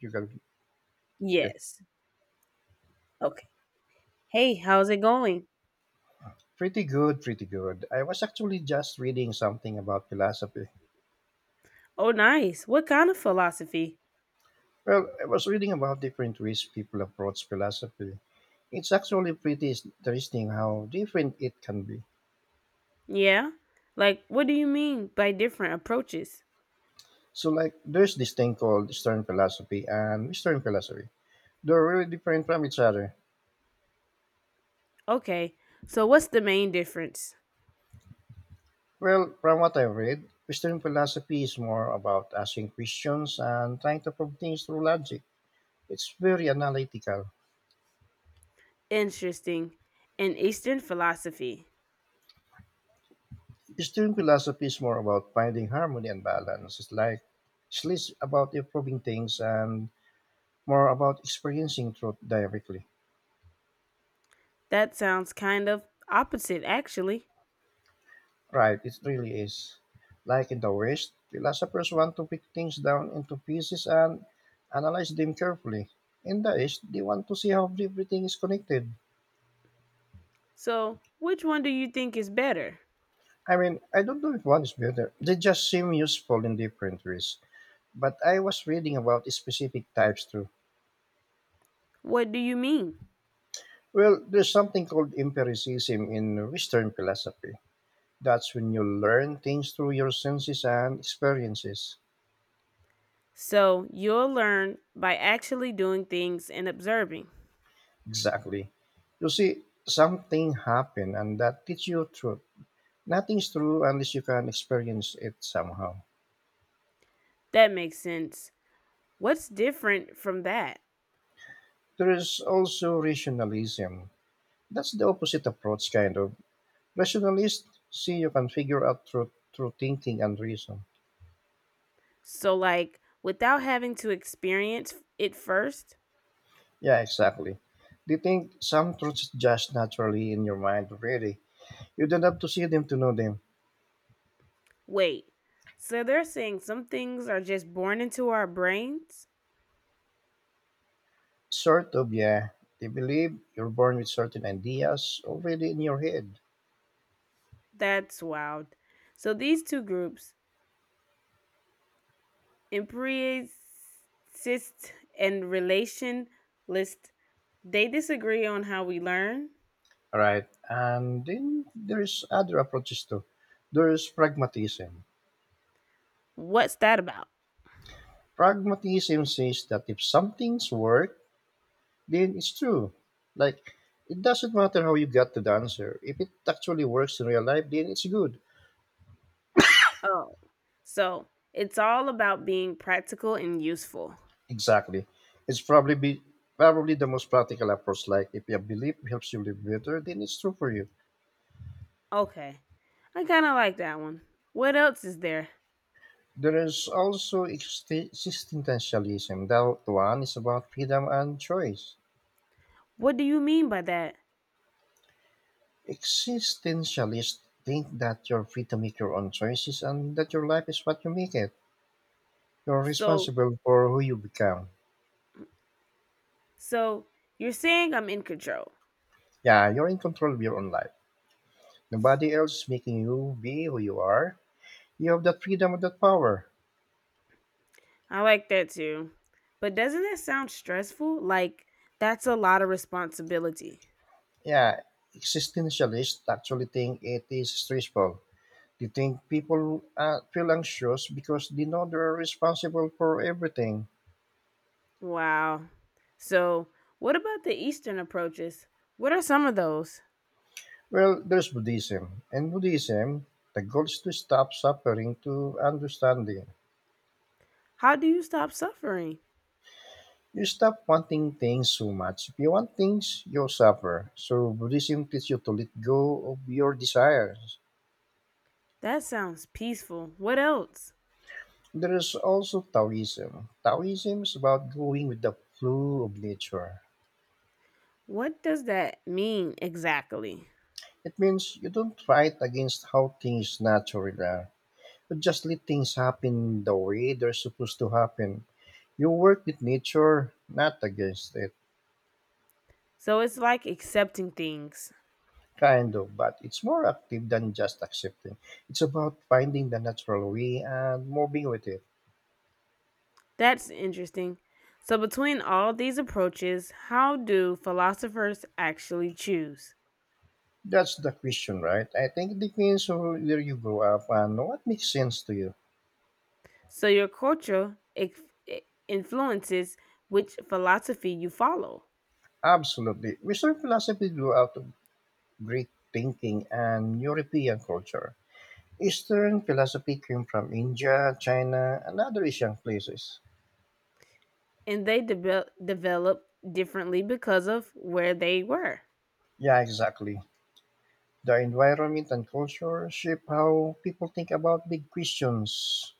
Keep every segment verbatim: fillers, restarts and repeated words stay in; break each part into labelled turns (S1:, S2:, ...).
S1: You can, okay.
S2: Yes. Okay. Hey, how's it going?
S1: Pretty good, pretty good. I was actually just reading something about philosophy.
S2: Oh, nice. What kind of philosophy?
S1: Well, I was reading about different ways people approach philosophy. It's actually pretty interesting how different it can be.
S2: Yeah. Like, what do you mean by different approaches?
S1: So, like, there's this thing called Eastern philosophy and Western philosophy. They're really different from each other.
S2: Okay. So, what's the main difference?
S1: Well, from what I've read, Western philosophy is more about asking questions and trying to prove things through logic. It's very analytical.
S2: Interesting. In Eastern philosophy.
S1: Eastern student philosophy is more about finding harmony and balance. It's like it's less about improving things and more about experiencing truth directly.
S2: That sounds kind of opposite, actually.
S1: Right, it really is. Like in the West, philosophers want to break things down into pieces and analyze them carefully. In the East, they want to see how everything is connected.
S2: So, which one do you think is better?
S1: I mean, I don't know if one is better. They just seem useful in different ways. But I was reading about specific types too.
S2: What do you mean?
S1: Well, there's something called empiricism in Western philosophy. That's when you learn things through your senses and experiences.
S2: So, you'll learn by actually doing things and observing.
S1: Exactly. You see something happen and that teaches you truth. Nothing's true unless you can experience it somehow.
S2: That makes sense. What's different from that?
S1: There is also rationalism. That's the opposite approach, kind of. Rationalists see you can figure out truth through thinking and reason.
S2: So, like, without having to experience it first,
S1: Yeah, exactly. They think some truths just naturally in your mind already. You don't have to see them to know them.
S2: wait. So, they're saying some things are just born into our brains?
S1: Sort of, yeah. They believe you're born with certain ideas already in your head.
S2: That's wild. So, these two groups, empiricist and relationalist, they disagree on how we learn.
S1: Right. And then there's other approaches too. There's pragmatism.
S2: What's that about?
S1: Pragmatism says that if something's work, then it's true. Like, it doesn't matter how you got to the answer. If it actually works in real life, then it's good.
S2: Oh, so it's all about being practical and useful.
S1: Exactly. It's probably be, probably the most practical approach. Like, if your belief helps you live better, then it's true for you.
S2: Okay, I kind of like that one. What else is there?
S1: There is also exi- existentialism. That one is about freedom and choice.
S2: What do you mean by that?
S1: Existentialists think that you're free to make your own choices and that your life is what you make it. You're
S2: So
S1: responsible for who you become.
S2: So you're saying I'm in control.
S1: Yeah, you're in control of your own life. Nobody else is making you be who you are. You have that freedom and that power.
S2: I like that too. But doesn't that sound stressful? Like, that's a lot of responsibility.
S1: Yeah, existentialists actually think it is stressful. They think people uh, feel anxious because they know they're responsible for everything.
S2: Wow. So, what about the Eastern approaches? What are some of those?
S1: Well, there's Buddhism. In Buddhism, the goal is to stop suffering to understanding.
S2: How do you stop suffering?
S1: You stop wanting things so much. If you want things, you'll suffer. So Buddhism teaches you to let go of your desires.
S2: That sounds peaceful. What else?
S1: There is also Taoism. Taoism is about going with the flow of nature.
S2: What does that mean exactly?
S1: It means you don't fight against how things naturally are. You just let things happen the way they're supposed to happen. You work with nature, not against it.
S2: So, it's like accepting things.
S1: Kind of, but it's more active than just accepting. It's about finding the natural way and moving with it.
S2: That's interesting. So, between all these approaches, how do philosophers actually choose?
S1: That's the question, right? I think it depends on where you grow up and what makes sense to you.
S2: So your culture ex- e-, influences which philosophy you follow,
S1: Absolutely. Western philosophy grew out of Greek thinking and European culture. Eastern philosophy came from India, China, and other Asian places.
S2: and they debe- develop differently because of where they were.
S1: Yeah, exactly. The environment and culture shape how people think about big questions.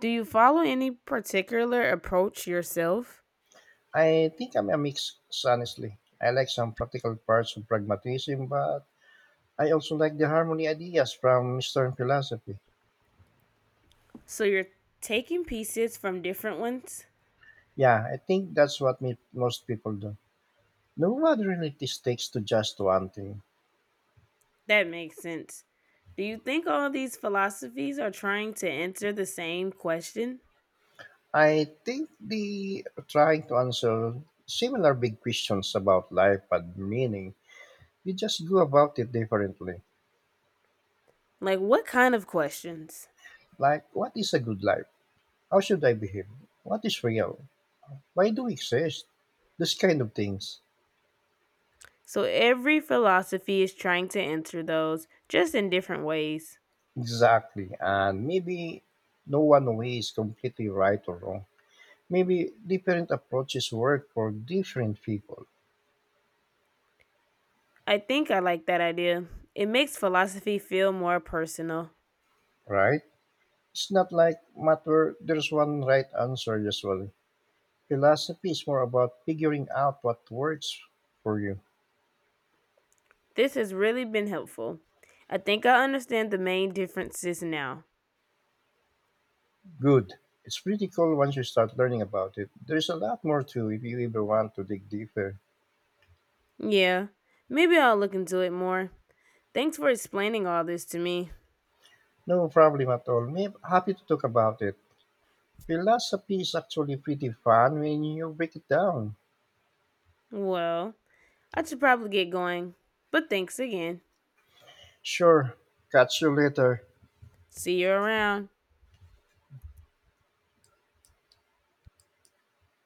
S2: Do you follow any particular approach yourself?
S1: I think I'm a mix, honestly. I like some practical parts of pragmatism, but I also like the harmony ideas from Eastern philosophy.
S2: So you're taking pieces from different ones?
S1: Yeah, I think that's what me, most people do. No one really sticks to just one thing.
S2: That makes sense. Do you think all these philosophies are trying to answer the same question?
S1: I think the trying to answer similar big questions about life and meaning, you just go about it differently.
S2: Like, what kind of questions?
S1: Like, what is a good life? How should I behave? What is real? Why do we exist? Those kind of things.
S2: So, every philosophy is trying to answer those just in different ways.
S1: Exactly. And maybe no one way is completely right or wrong. Maybe different approaches work for different people,
S2: I think I like that idea. It makes philosophy feel more personal.
S1: right? It's not like matter there's one right answer usually. Philosophy is more about figuring out what works for you.
S2: This has really been helpful. I think I understand the main differences now.
S1: Good. It's pretty cool once you start learning about it. There's a lot more too if you ever want to dig deeper.
S2: Yeah, maybe I'll look into it more. Thanks for explaining all this to me.
S1: No problem at all. Me happy to talk about it. Philosophy is actually pretty fun when you break it down.
S2: Well, I should probably get going, but thanks again.
S1: Sure. Catch you later.
S2: See you around.